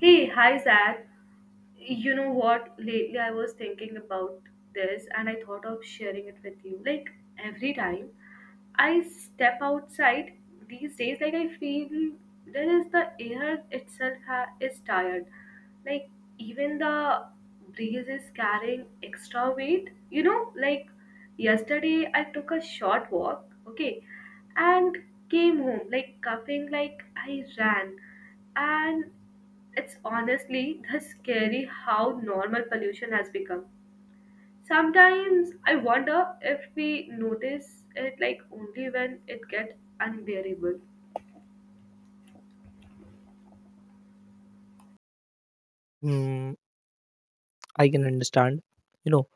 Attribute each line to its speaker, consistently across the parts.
Speaker 1: Hey, hi Zach. You know what? Lately I was thinking about this and I thought of sharing it with you. Like every time I step outside these days, like I feel there is the air itself is tired. Like even the breeze is carrying extra weight. You know, like yesterday I took a short walk, okay, and came home like coughing like I ran, and it's honestly the scary how normal pollution has become. Sometimes I wonder if we notice it like only when it gets unbearable.
Speaker 2: Mm, I can understand. You know,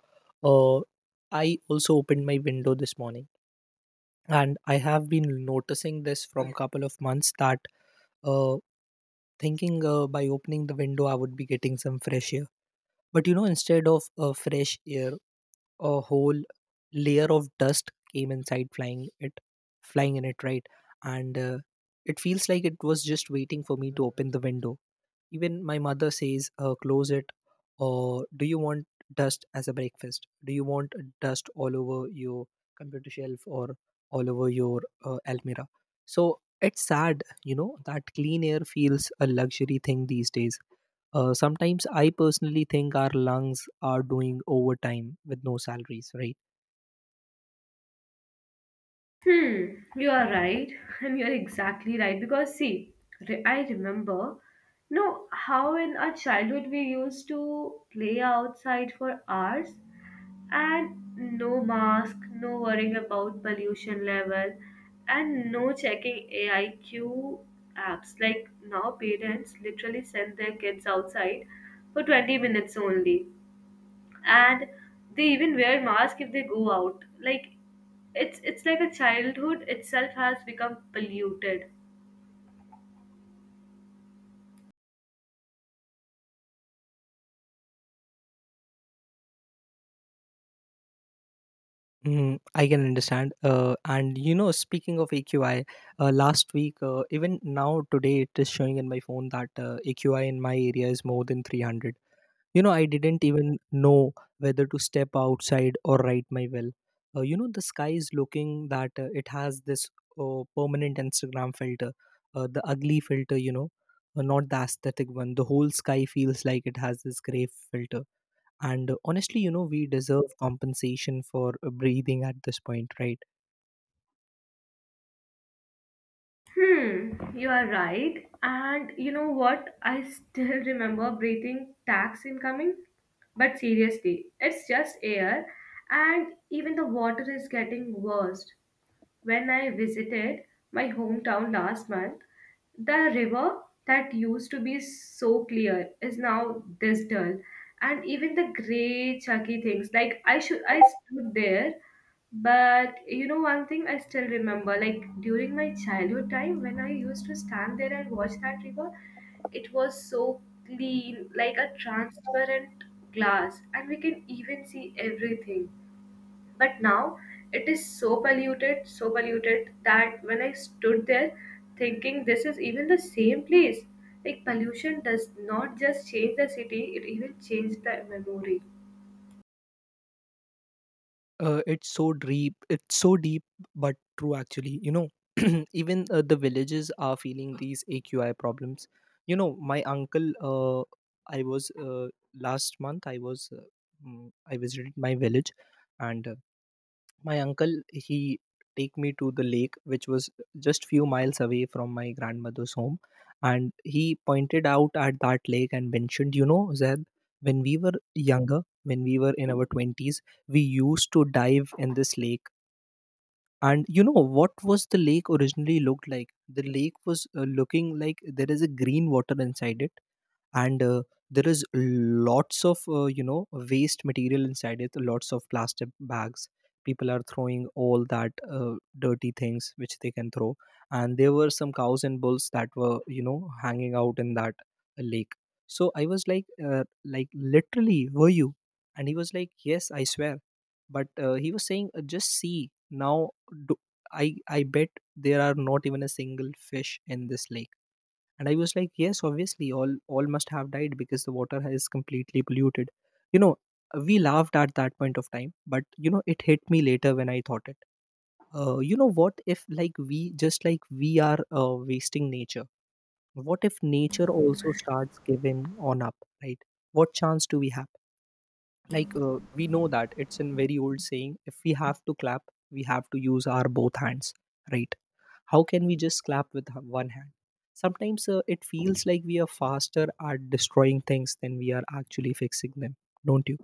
Speaker 2: uh, I also opened my window this morning, and I have been noticing this from couple of months that uh, thinking by opening the window I would be getting some fresh air. But instead of fresh air, a whole layer of dust came inside, flying it, flying in it, right? And it feels like it was just waiting for me to open the window. Even my mother says, close it, or do you want dust as a breakfast? Do you want dust all over your computer shelf or all over your almirah? So it's sad, that clean air feels a luxury thing these days. Sometimes I personally think our lungs are doing overtime with no salaries, right?
Speaker 1: Hmm, you are right, and you are exactly right because see, I remember, you know, how in our childhood we used to play outside for hours and no mask, no worrying about pollution level, and no checking AIQ apps. Like now, parents literally send their kids outside for 20 minutes only, and they even wear mask if they go out. Like it's like a childhood itself has become polluted.
Speaker 2: Mm, I can understand. And speaking of AQI, last week, even now today, it is showing in my phone that AQI in my area is more than 300. I didn't even know whether to step outside or write my will. The sky is looking that it has this permanent Instagram filter, the ugly filter, not the aesthetic one. The whole sky feels like it has this gray filter and honestly, we deserve compensation for breathing at this point, right?
Speaker 1: Hmm, you are right. And you know what? I still remember breathing tax incoming. But seriously, it's just air, and even the water is getting worse. When I visited my hometown last month, the river that used to be so clear is now this dull. And even the grey chunky things, like I stood there, but you know one thing I still remember, like during my childhood time when I used to stand there and watch that river, it was so clean, like a transparent glass, and we can even see everything. But now it is so polluted that when I stood there thinking this is even the same place, like pollution does not just change the city, it even changed the memory.
Speaker 2: It's so deep, it's so deep, but true actually. Even the villages are feeling these AQI problems. You know, my uncle, I was Last month, I visited my village, and my uncle he take me to the lake which was just few miles away from my grandmother's home, and he pointed out at that lake and mentioned, you know, Zed, when we were younger, when we were in our 20s we used to dive in this lake. And you know what was the lake originally looked like? The lake was looking like there is a green water inside it, and there is lots of waste material inside it. Lots of plastic bags. People are throwing all that dirty things which they can throw, and there were some cows and bulls that were hanging out in that lake. So I was like, like literally, were you? And he was like, yes, I swear. But he was saying, just see now, do, I bet there are not even a single fish in this lake. And I was like, yes, obviously, all must have died because the water is completely polluted. you know we laughed at that point of time, but it hit me later when I thought it. What if, like, we just, like, we are wasting nature? What if nature also starts giving on up, right? What chance do we have? Like, we know that it's in very old saying, if we have to clap we have to use our both hands, right? How can we just clap with one hand? Sometimes it feels like we are faster at destroying things than we are actually fixing them, don't you?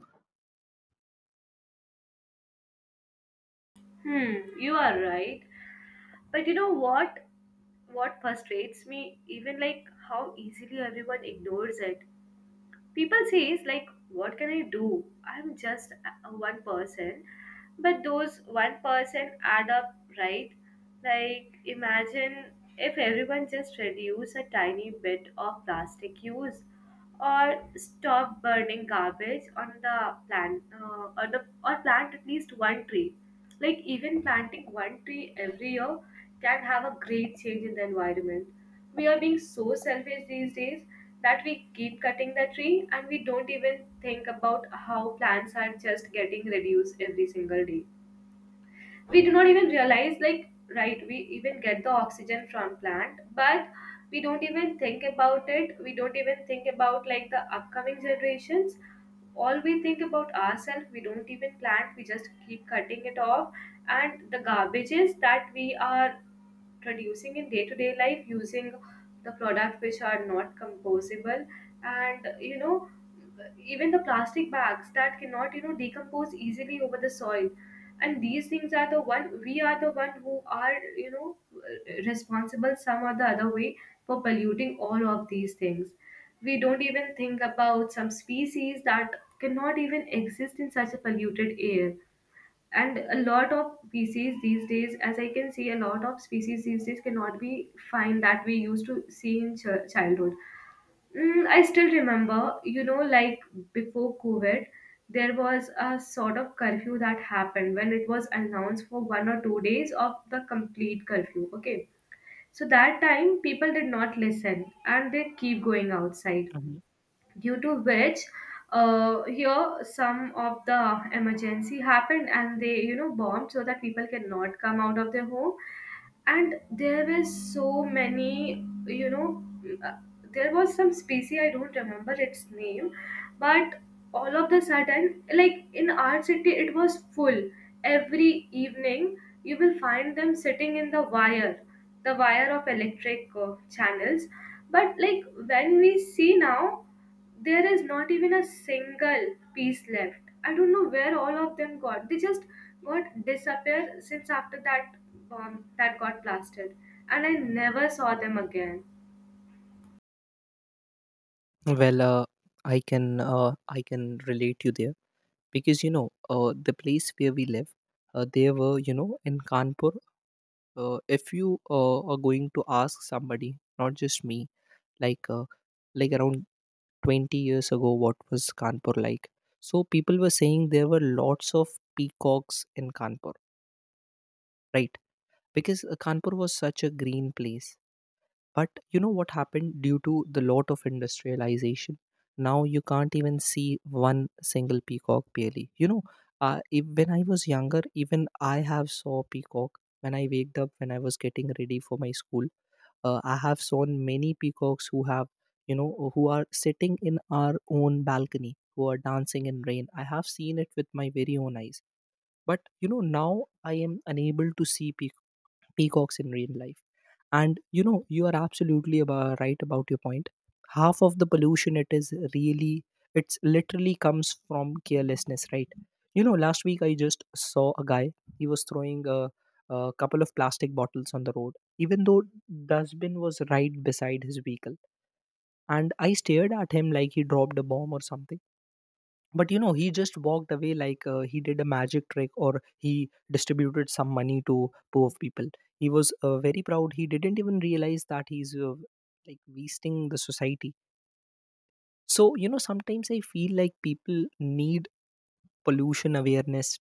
Speaker 1: Hmm, you are right. But you know what? What frustrates me, even like how easily everyone ignores it. People says like, what can I do? I'm just a one person, but those one person add up, right? Like imagine if everyone just reduce a tiny bit of plastic use or stop burning garbage on the plant, or the or plant at least one tree. Like even planting one tree every year can have a great change in the environment. We are being so selfish these days that we keep cutting the tree and we don't even think about how plants are just getting reduced every single day. We do not even realize, like, right, we even get the oxygen from plant, but we don't even think about it. We don't even think about like the upcoming generations. All we think about ourselves. We don't even plant, we just keep cutting it off. And the garbages that we are producing in day-to-day life, using the product which are not composable, and you know, even the plastic bags that cannot, you know, decompose easily over the soil, and these things are the one, we are the one who are, you know, responsible some or the other way for polluting all of these things. We don't even think about some species that cannot even exist in such a polluted air. And a lot of species these days, as I can see, a lot of species these days cannot be find that we used to see in childhood. Mm, I still remember, you know, like before COVID, there was a sort of curfew that happened when it was announced for 1 or 2 days of the complete curfew. Okay. So that time, people did not listen and they keep going outside,
Speaker 2: Mhm.
Speaker 1: due to which, here some of the emergency happened and they, you know, bombed so that people cannot come out of their home. And there were so many, you know, uh, there was some species, I don't remember its name, but all of the sudden, like, in our city it was full. Every evening you will find them sitting in the wire, the wire of electric channels. But like when we see now, there is not even a single piece left. I don't know where all of them got, they just what disappear since after that bomb that got blasted, and I never saw them again.
Speaker 2: Well, I can relate you there, because the place where we live, there were in Kanpur, if you are going to ask somebody, not just me, like uh, like around 20 years ago, what was Kanpur like? So people were saying there were lots of peacocks in Kanpur, right? Because Kanpur was such a green place. But you know what happened due to the lot of industrialization? Now you can't even see one single peacock barely. You know, if, when I was younger, even I have saw peacock. When I waked up, when I was getting ready for my school, I have seen many peacocks who have, who are sitting in our own balcony, who are dancing in rain. I have seen it with my very own eyes. But now I am unable to see peacocks in real life. And you are absolutely right about your point. Half of the pollution, it is really, it's literally comes from carelessness, right? Last week I just saw a guy. He was throwing a couple of plastic bottles on the road, even though dustbin was right beside his vehicle. And I stared at him like he dropped a bomb or something. But he just walked away, like he did a magic trick or he distributed some money to poor people. He was very proud. He didn't even realize that he's like wasting the society. So sometimes I feel like people need pollution awareness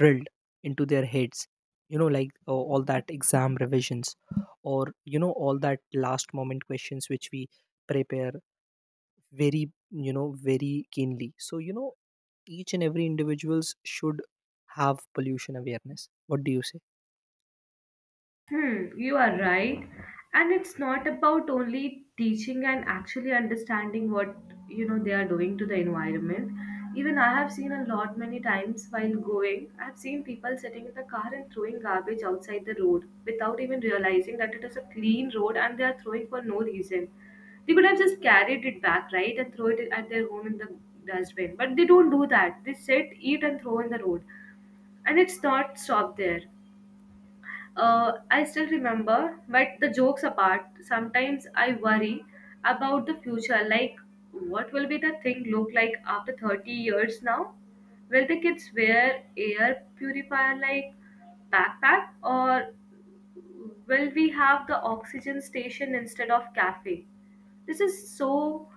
Speaker 2: drilled into their heads, like all that exam revisions, or all that last moment questions which we prepare very, very keenly. So each and every individuals should have pollution awareness, what do you say?
Speaker 1: Hmm, you are right. And it's not about only teaching and actually understanding what, you know, they are doing to the environment. Even I have seen a lot many times while going, I've seen people sitting in the car and throwing garbage outside the road without even realizing that it is a clean road and they are throwing for no reason. They could have just carried it back, right, and throw it at their home in the dustbin. But they don't do that. They sit, eat, and throw in the road. And it's not stopped there. I still remember, but the jokes apart, sometimes I worry about the future. Like, what will be the thing look like after 30 years now? Will the kids wear air purifier like backpack, or will we have the oxygen station instead of cafe? This is so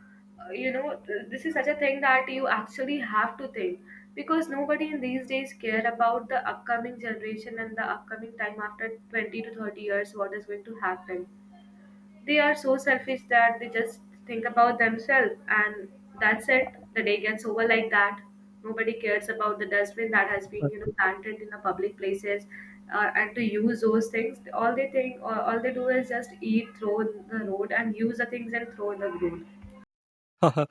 Speaker 1: you know this is such a thing that you actually have to think, because nobody in these days care about the upcoming generation and the upcoming time after 20 to 30 years what is going to happen. They are so selfish that they just think about themselves, and that's it. The day gets over like that. Nobody cares about the dustbin that has been, you know, planted in the public places, and to use those things. All they think, or all they do, is just eat, throw in the road, and use the things and throw in the road.
Speaker 2: uh,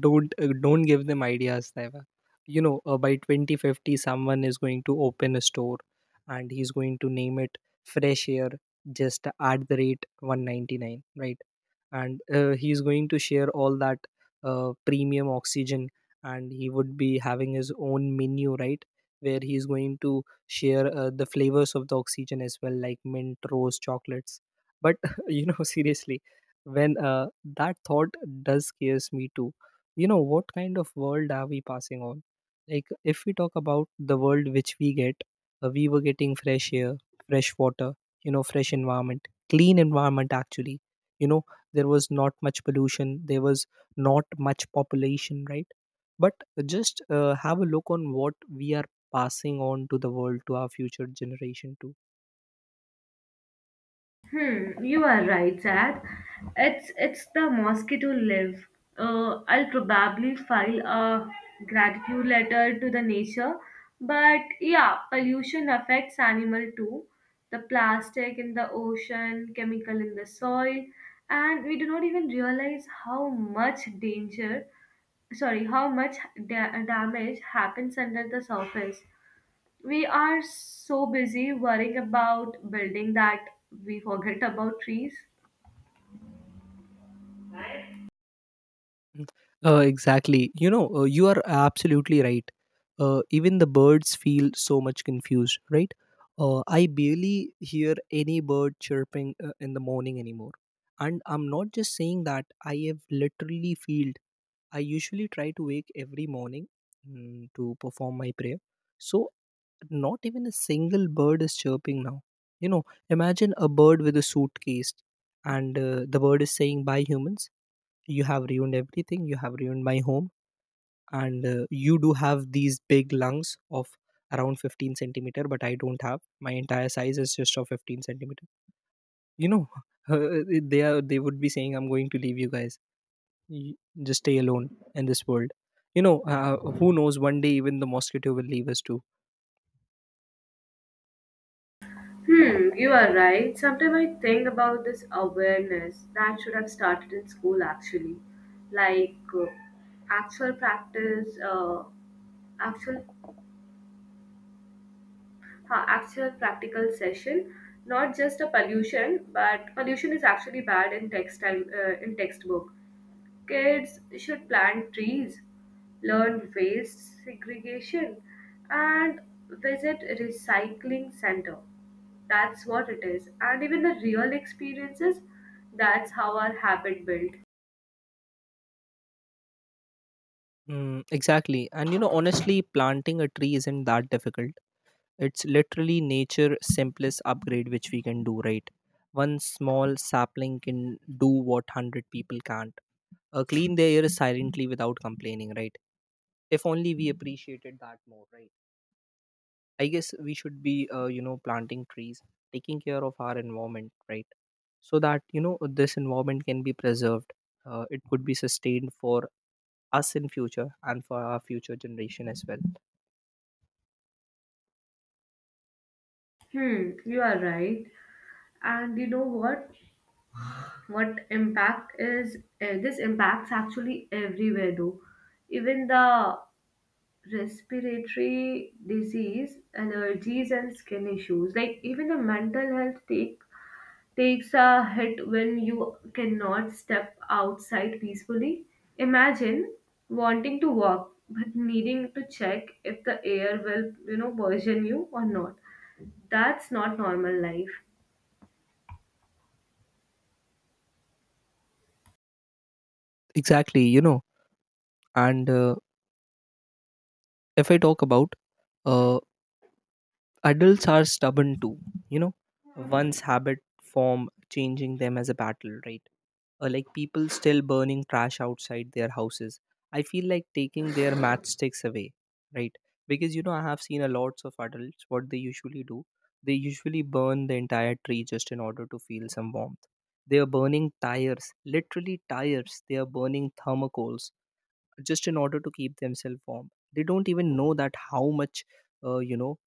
Speaker 2: don't give them ideas, Daiva. By 2050 someone is going to open a store, and he's going to name it Fresh Air, just at the rate 199, right? And he is going to share all that premium oxygen. And he would be having his own menu, right? Where he is going to share the flavors of the oxygen as well, like mint, rose, chocolates. But seriously, when that thought does scares me too. What kind of world are we passing on? Like, if we talk about the world which we get, we were getting fresh air, fresh water, fresh environment, clean environment actually. you know there was not much pollution, there was not much population, right? But just have a look on what we are passing on to the world, to our future generation too.
Speaker 1: Hmm, you are right, Zach. It's the mosquito live. I'll probably file a gratitude letter to the nature, but yeah, pollution affects animal too. The plastic in the ocean, chemical in the soil, and we do not even realize how much danger, sorry, how much damage happens under the surface. We are so busy worrying about building that we forget about trees.
Speaker 2: Exactly, you are absolutely right. Even the birds feel so much confused, right? I barely hear any bird chirping in the morning anymore. And I'm not just saying that, I have literally feel. I usually try to wake every morning, to perform my prayer. So not even a single bird is chirping now. Imagine a bird with a suitcase, and the bird is saying, Bye, humans, you have ruined everything, you have ruined my home, and you do have these big lungs of around 15 centimeter, but I don't have, my entire size is just of 15 centimeter. You know, they would be saying, I'm going to leave you guys. You just stay alone in this world. Who knows, one day even the mosquito will leave us too.
Speaker 1: Hmm, you are right. Sometimes I think about this awareness that should have started in school actually. Like, actual practice, actual actual practical session, not just a pollution, but pollution is actually bad in text time, in textbook. Kids should plant trees, learn waste segregation, and visit recycling center. That's what it is. And even the real experiences, that's how our habit built.
Speaker 2: Mm, exactly. And honestly, planting a tree isn't that difficult. It's literally nature simplest upgrade which we can do, right? One small sapling can do what 100 people can't. Clean the air silently without complaining, right? If only we appreciated that more, right? I guess we should be, planting trees, taking care of our environment, right? So that, this environment can be preserved. It could be sustained for us in future and for our future generation as well.
Speaker 1: Hmm, you are right. And you know what? What impact is This impacts actually everywhere though. Even the respiratory disease, allergies and skin issues, like even the mental health takes a hit when you cannot step outside peacefully. Imagine wanting to walk but needing to check if the air will poison you or not. That's not normal life.
Speaker 2: Exactly. And if I talk about uh, adults are stubborn too, you know. Once habit form changing them as a battle, right? Like people still burning trash outside their houses. I feel like taking their matchsticks away, right? Because I have seen a lots of adults what they usually do. They usually burn the entire tree just in order to feel some warmth. They are burning tires, literally tires. They are burning thermocols just in order to keep themselves warm, they don't even know that how much uh, you know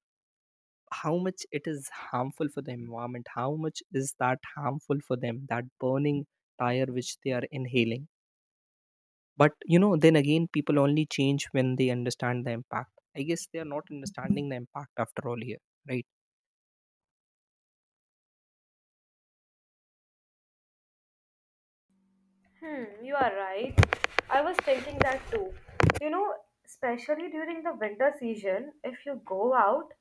Speaker 2: how much it is harmful for the environment, how much is that harmful for them, that burning tire which they are inhaling. But then again, people only change when they understand the impact. I guess they are not understanding the impact after all here, right?
Speaker 1: Hmm, you are right. I was thinking that too. You know, especially during the winter season, if you go out,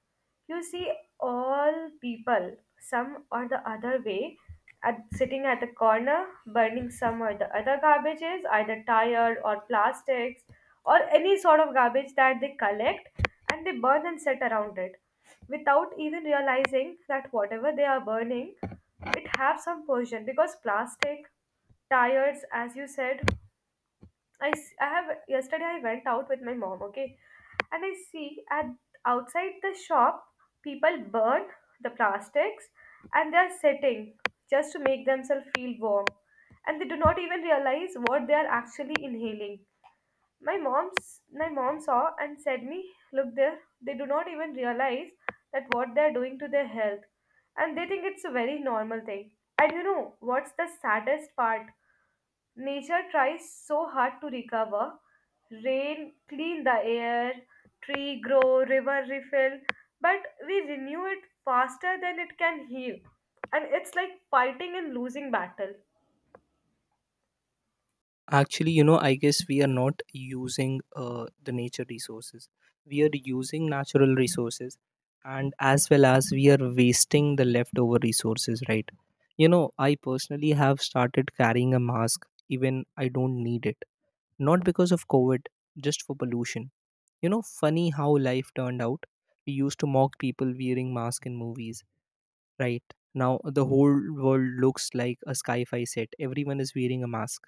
Speaker 1: you see all people, some or the other way, at sitting at the corner, burning some or the other garbages, either tire or plastics or any sort of garbage that they collect, and they burn and set around it without even realizing that whatever they are burning, it have some pollution. Because plastic tires, as you said, I have, yesterday I went out with my mom, okay, and I see at outside the shop people burn the plastics, and they are sitting just to make themselves feel warm, and they do not even realize what they are actually inhaling. My mom's my mom saw and said me, look there, they do not even realize that what they are doing to their health, and they think it's a very normal thing. And you know what's the saddest part? Nature tries so hard to recover. Rain clean the air, tree grow, river refill, but we renew it faster than it can heal. And it's like fighting and losing battle.
Speaker 2: Actually, I guess we are not using the nature resources. We are using natural resources, and as well as we are wasting the leftover resources, right? I personally have started carrying a mask even I don't need it. Not because of COVID, just for pollution. Funny how life turned out. We used to mock people wearing masks in movies, right? Now the whole world looks like a sci-fi set. Everyone is wearing a mask,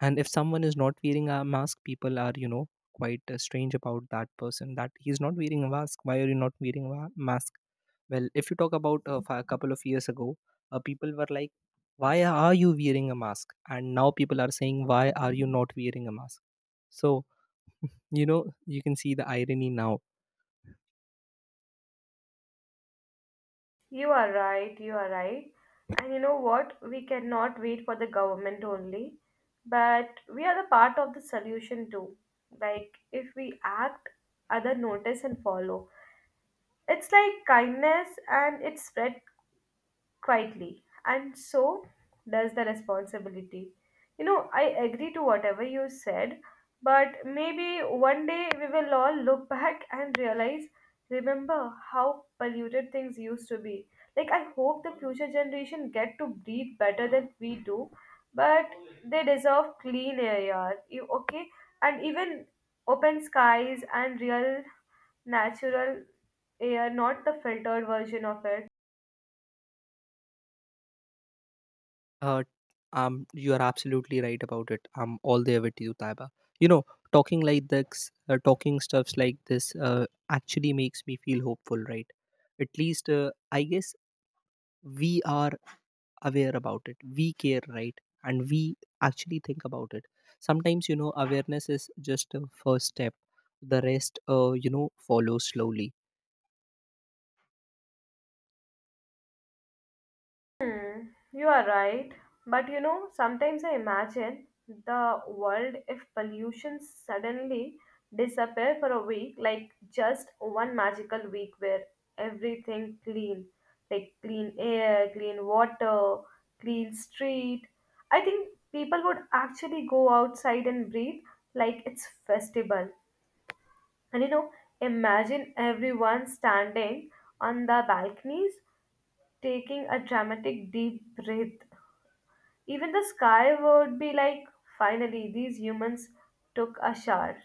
Speaker 2: and if someone is not wearing a mask, people are quite strange about that person, that he's not wearing a mask. Why are you not wearing a mask? Well, if you talk about a couple of years ago, people were like, why are you wearing a mask, and now people are saying, why are you not wearing a mask? So, you can see the irony now.
Speaker 1: You are right, you are right. And you know what? We cannot wait for the government only, but we are the part of the solution too. Like, if we act, other notice and follow. It's like kindness and it spread quietly, and so does the responsibility. You know, I agree to whatever you said, but maybe one day we will all look back and realize, remember how polluted things used to be. Like, I hope the future generation get to breathe better than we do, but they deserve clean air, yaar. Okay? And even open skies and real natural air, not the filtered version of it.
Speaker 2: Uh, you are absolutely right about it. I'm all there with you, Taiba. You know, talking like this, talking stuffs like this, actually makes me feel hopeful, right? At least, I guess we are aware about it. We care, right? And we actually think about it. Sometimes, awareness is just a first step. The rest, follows slowly.
Speaker 1: Hmm, you are right. But you know, sometimes I imagine the world if pollution suddenly disappear for a week, like just one magical week where everything clean, like clean air, clean water, clean street. I think people would actually go outside and breathe like it's festival. And you know, imagine everyone standing on the balconies taking a dramatic deep breath. Even the sky would be like, finally, these humans took a shower.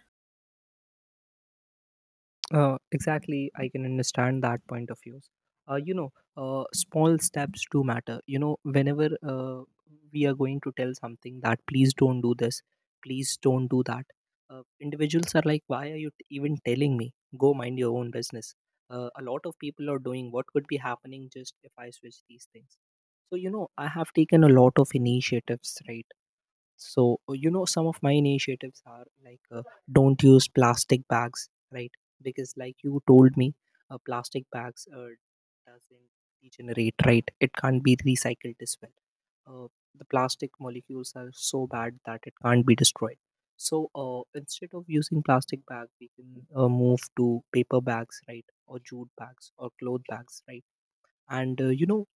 Speaker 2: Exactly, I can understand that point of views. Small steps do matter. Whenever we are going to tell something that please don't do this, please don't do that. Individuals are like, why are you even telling me? Go mind your own business. A lot of people are doing what could be happening just if I switch these things. So, I have taken a lot of initiatives, right? So, some of my initiatives are like, don't use plastic bags, right? Because like you told me, plastic bags doesn't degenerate, right? It can't be recycled as well. Uh, the plastic molecules are so bad that it can't be destroyed. So, instead of using plastic bag, we can move to paper bags, right, or jute bags or cloth bags, right? And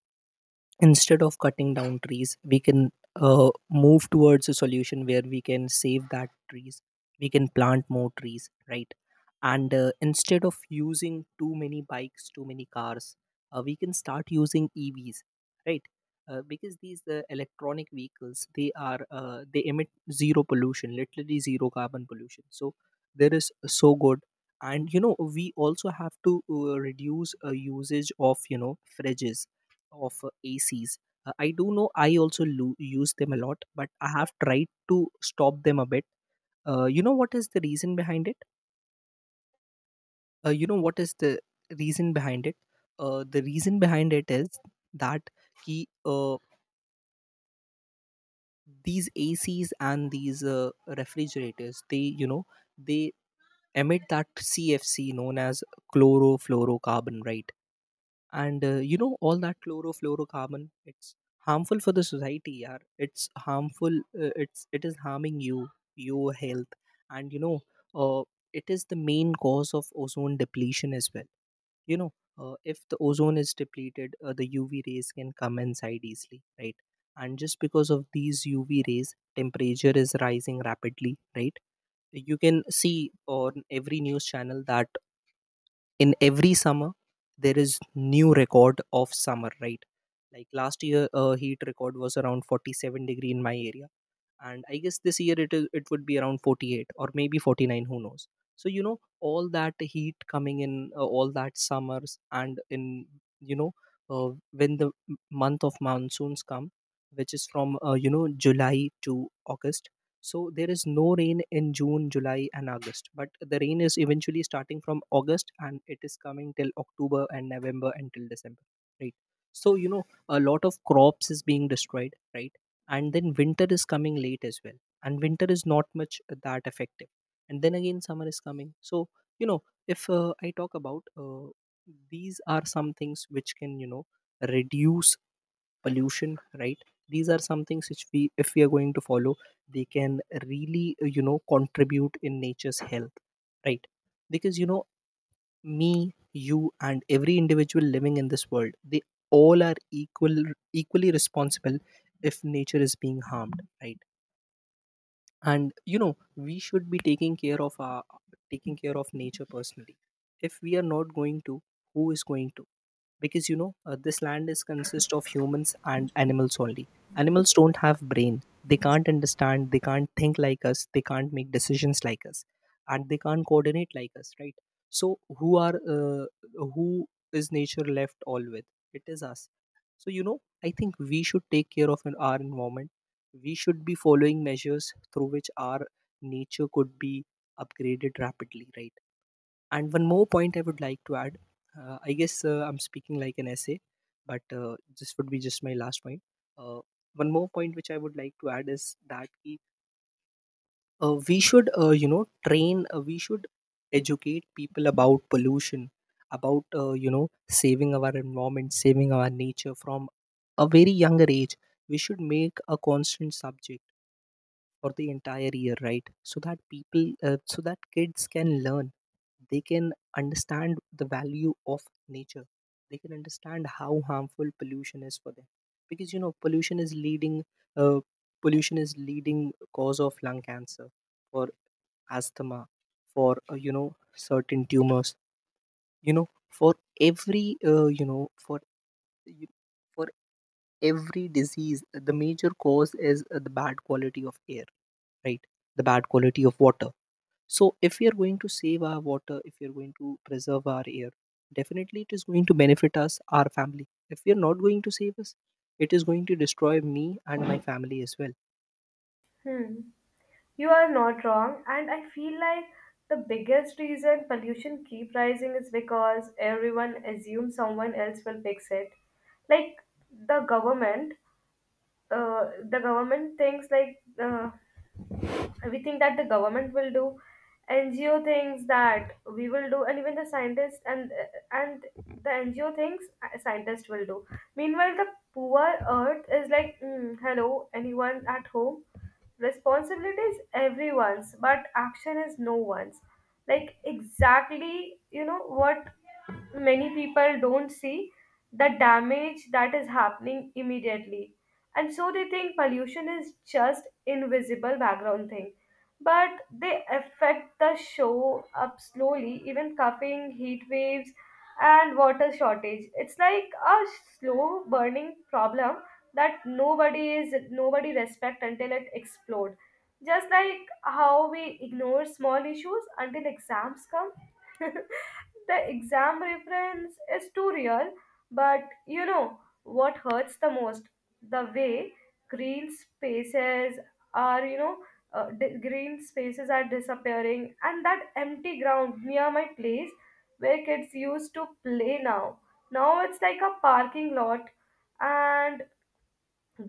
Speaker 2: instead of cutting down trees, we can move towards a solution where we can save that trees. We can plant more trees, right? And instead of using too many bikes, too many cars, we can start using EVs, right. Because these electronic vehicles, they are they emit zero pollution, literally zero carbon pollution, so there is so good. And we also have to reduce usage of fridges, of ACs. I do know, I also use them a lot, but I have tried to stop them a bit. What is the reason behind it? What is the reason behind it? The reason behind it is that ki, uh, these ACs and these refrigerators, they emit that CFC, known as chlorofluorocarbon, right? And all that chlorofluorocarbon, it's harmful for the society, yaar. It's harmful. It is harming you, your health. And uh, it is the main cause of ozone depletion as well. you know if the ozone is depleted, the UV rays can come inside easily, right? And just because of these UV rays, temperature is rising rapidly, right? You can see on every news channel that in every summer, there is new record of summer, right? Like last year, heat record was around 47 degree in my area. And I guess this year, it would be around 48, or maybe 49, who knows. So, all that heat coming in, all that summers, and in, you know when the month of monsoons come, which is from July to August. So, there is no rain in June, July, and August, but the rain is eventually starting from August, and it is coming till October and November until December, right? So, a lot of crops is being destroyed, right? And then winter is coming late as well, and winter is not much that effective. And then again summer is coming. So, you know if I talk about these are some things which can reduce pollution, right? These are some things which we, if we are going to follow, they can really contribute in nature's health, right? Because me, you, and every individual living in this world, they all are equal, equally responsible if nature is being harmed, right? And we should be taking care of our, taking care of nature personally. If we are not going to, who is going to? Because this land is consist of humans and animals only. Animals don't have brain, they can't understand, they can't think like us, they can't make decisions like us, and they can't coordinate like us, right? So who is nature left all with? It is us. So, I think we should take care of our environment. We should be following measures through which our nature could be upgraded rapidly, right? And one more point I would like to add. I guess I'm speaking like an essay, but this would be just my last point. Uh, one more point which I would like to add is that ki we should train, we should educate people about pollution, about saving our environment, saving our nature from a very younger age. We should make a constant subject for the entire year, right? So that people, so that kids can learn, they can understand the value of nature, they can understand how harmful pollution is for them. Because uh, pollution is leading cause of lung cancer, for asthma, for certain tumors, you know for every you know for y- for every disease, the major cause is the bad quality of air, right? The bad quality of water. So if we are going to save our water, if we are going to preserve our air, definitely it is going to benefit us, our family. If we are not going to save us, it is going to destroy me and my family as well.
Speaker 1: Hmm. You are not wrong, and I feel like the biggest reason pollution keep rising is because everyone assumes someone else will fix it. Like the government, the government thinks like, we think that the government will do ngo things that we will do, and even the scientists and the ngo things, scientists will do, meanwhile the poor earth is like, "Mm, hello, anyone at home? Responsibility is everyone's but action is no one's." Like exactly, you know what, many people don't see the damage that is happening immediately. And so they think pollution is just invisible background thing. But they affect the show up slowly, even coughing, heat waves, and water shortage. It's like a slow burning problem that nobody respect until it explodes. Just like how we ignore small issues until exams come. The exam reference is too real. But you know what hurts the most? The way green spaces are, you know, di- green spaces are disappearing, and that empty ground near my place where kids used to play now. Now it's like a parking lot, and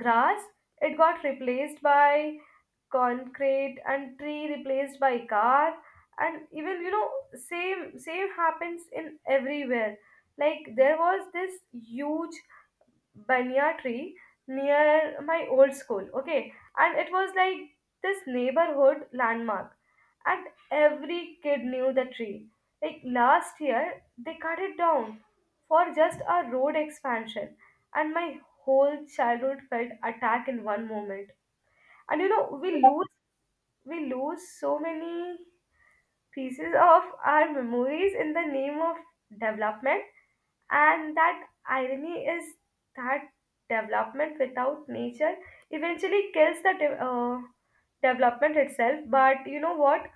Speaker 1: grass it got replaced by concrete and tree replaced by car. And even, you know, same happens in everywhere. Like there was this huge banya tree near my old school, okay? And it was like this neighborhood landmark, and every kid knew the tree. Like last year, they cut it down for just a road expansion, and my whole childhood felt attacked in one moment. And you know, we lose so many pieces of our memories in the name of development. And that irony is that development without nature eventually kills the development itself. But you know what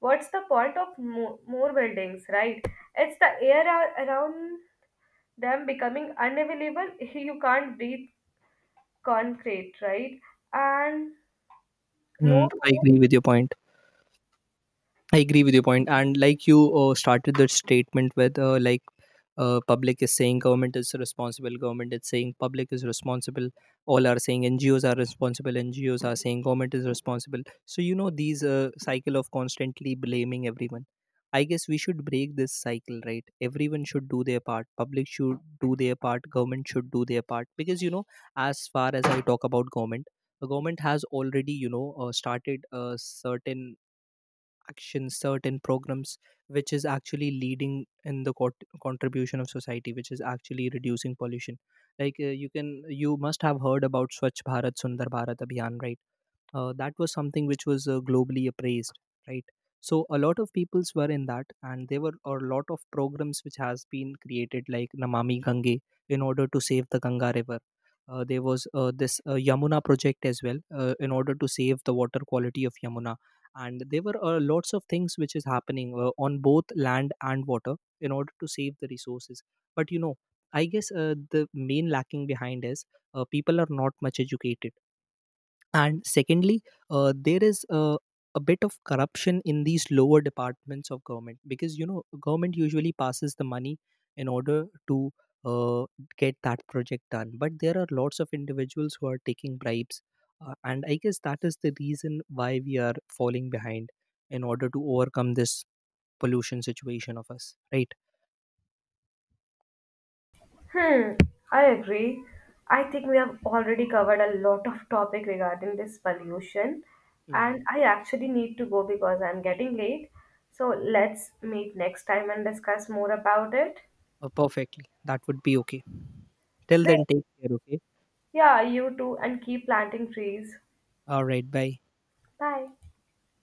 Speaker 1: what's the point of more, more buildings, right? It's the air around them becoming unavailable. You can't breathe concrete, right? And more.
Speaker 2: Mm, I agree with your point. I agree with your point, and like you started the statement with, like, public is saying government is responsible, government is saying public is responsible, all are saying NGOs are responsible, NGOs are saying government is responsible. So these cycle of constantly blaming everyone. I guess we should break this cycle, right? Everyone should do their part. Public should do their part. Government should do their part. Because as far as I talk about government, the government has already started a certain action, certain programs, which is actually leading in the contribution of society, which is actually reducing pollution. Like, you can, you must have heard about Swachh Bharat, Sundar Bharat Abhiyan, right? That was something which was globally appraised, right? So a lot of peoples were in that, and there were a lot of programs which has been created like Namami Gange, in order to save the Ganga river. There was this Yamuna project as well, in order to save the water quality of Yamuna. And there were lots of things which is happening on both land and water in order to save the resources. But I guess the main lacking behind is people are not much educated. And secondly, there is a bit of corruption in these lower departments of government. Because government usually passes the money in order to uh, get that project done. But there are lots of individuals who are taking bribes, and I guess that is the reason why we are falling behind in order to overcome this pollution situation of us, right?
Speaker 1: Hmm, I agree. I think we have already covered a lot of topic regarding this pollution,
Speaker 2: Mm-hmm.
Speaker 1: and I actually need to go because I'm getting late. So let's meet next time and discuss more about it.
Speaker 2: Perfectly, that would be okay. Till
Speaker 1: Great.
Speaker 2: then, take care. Okay.
Speaker 1: Yeah, you too, and keep planting trees.
Speaker 2: All right. Bye.
Speaker 1: Bye.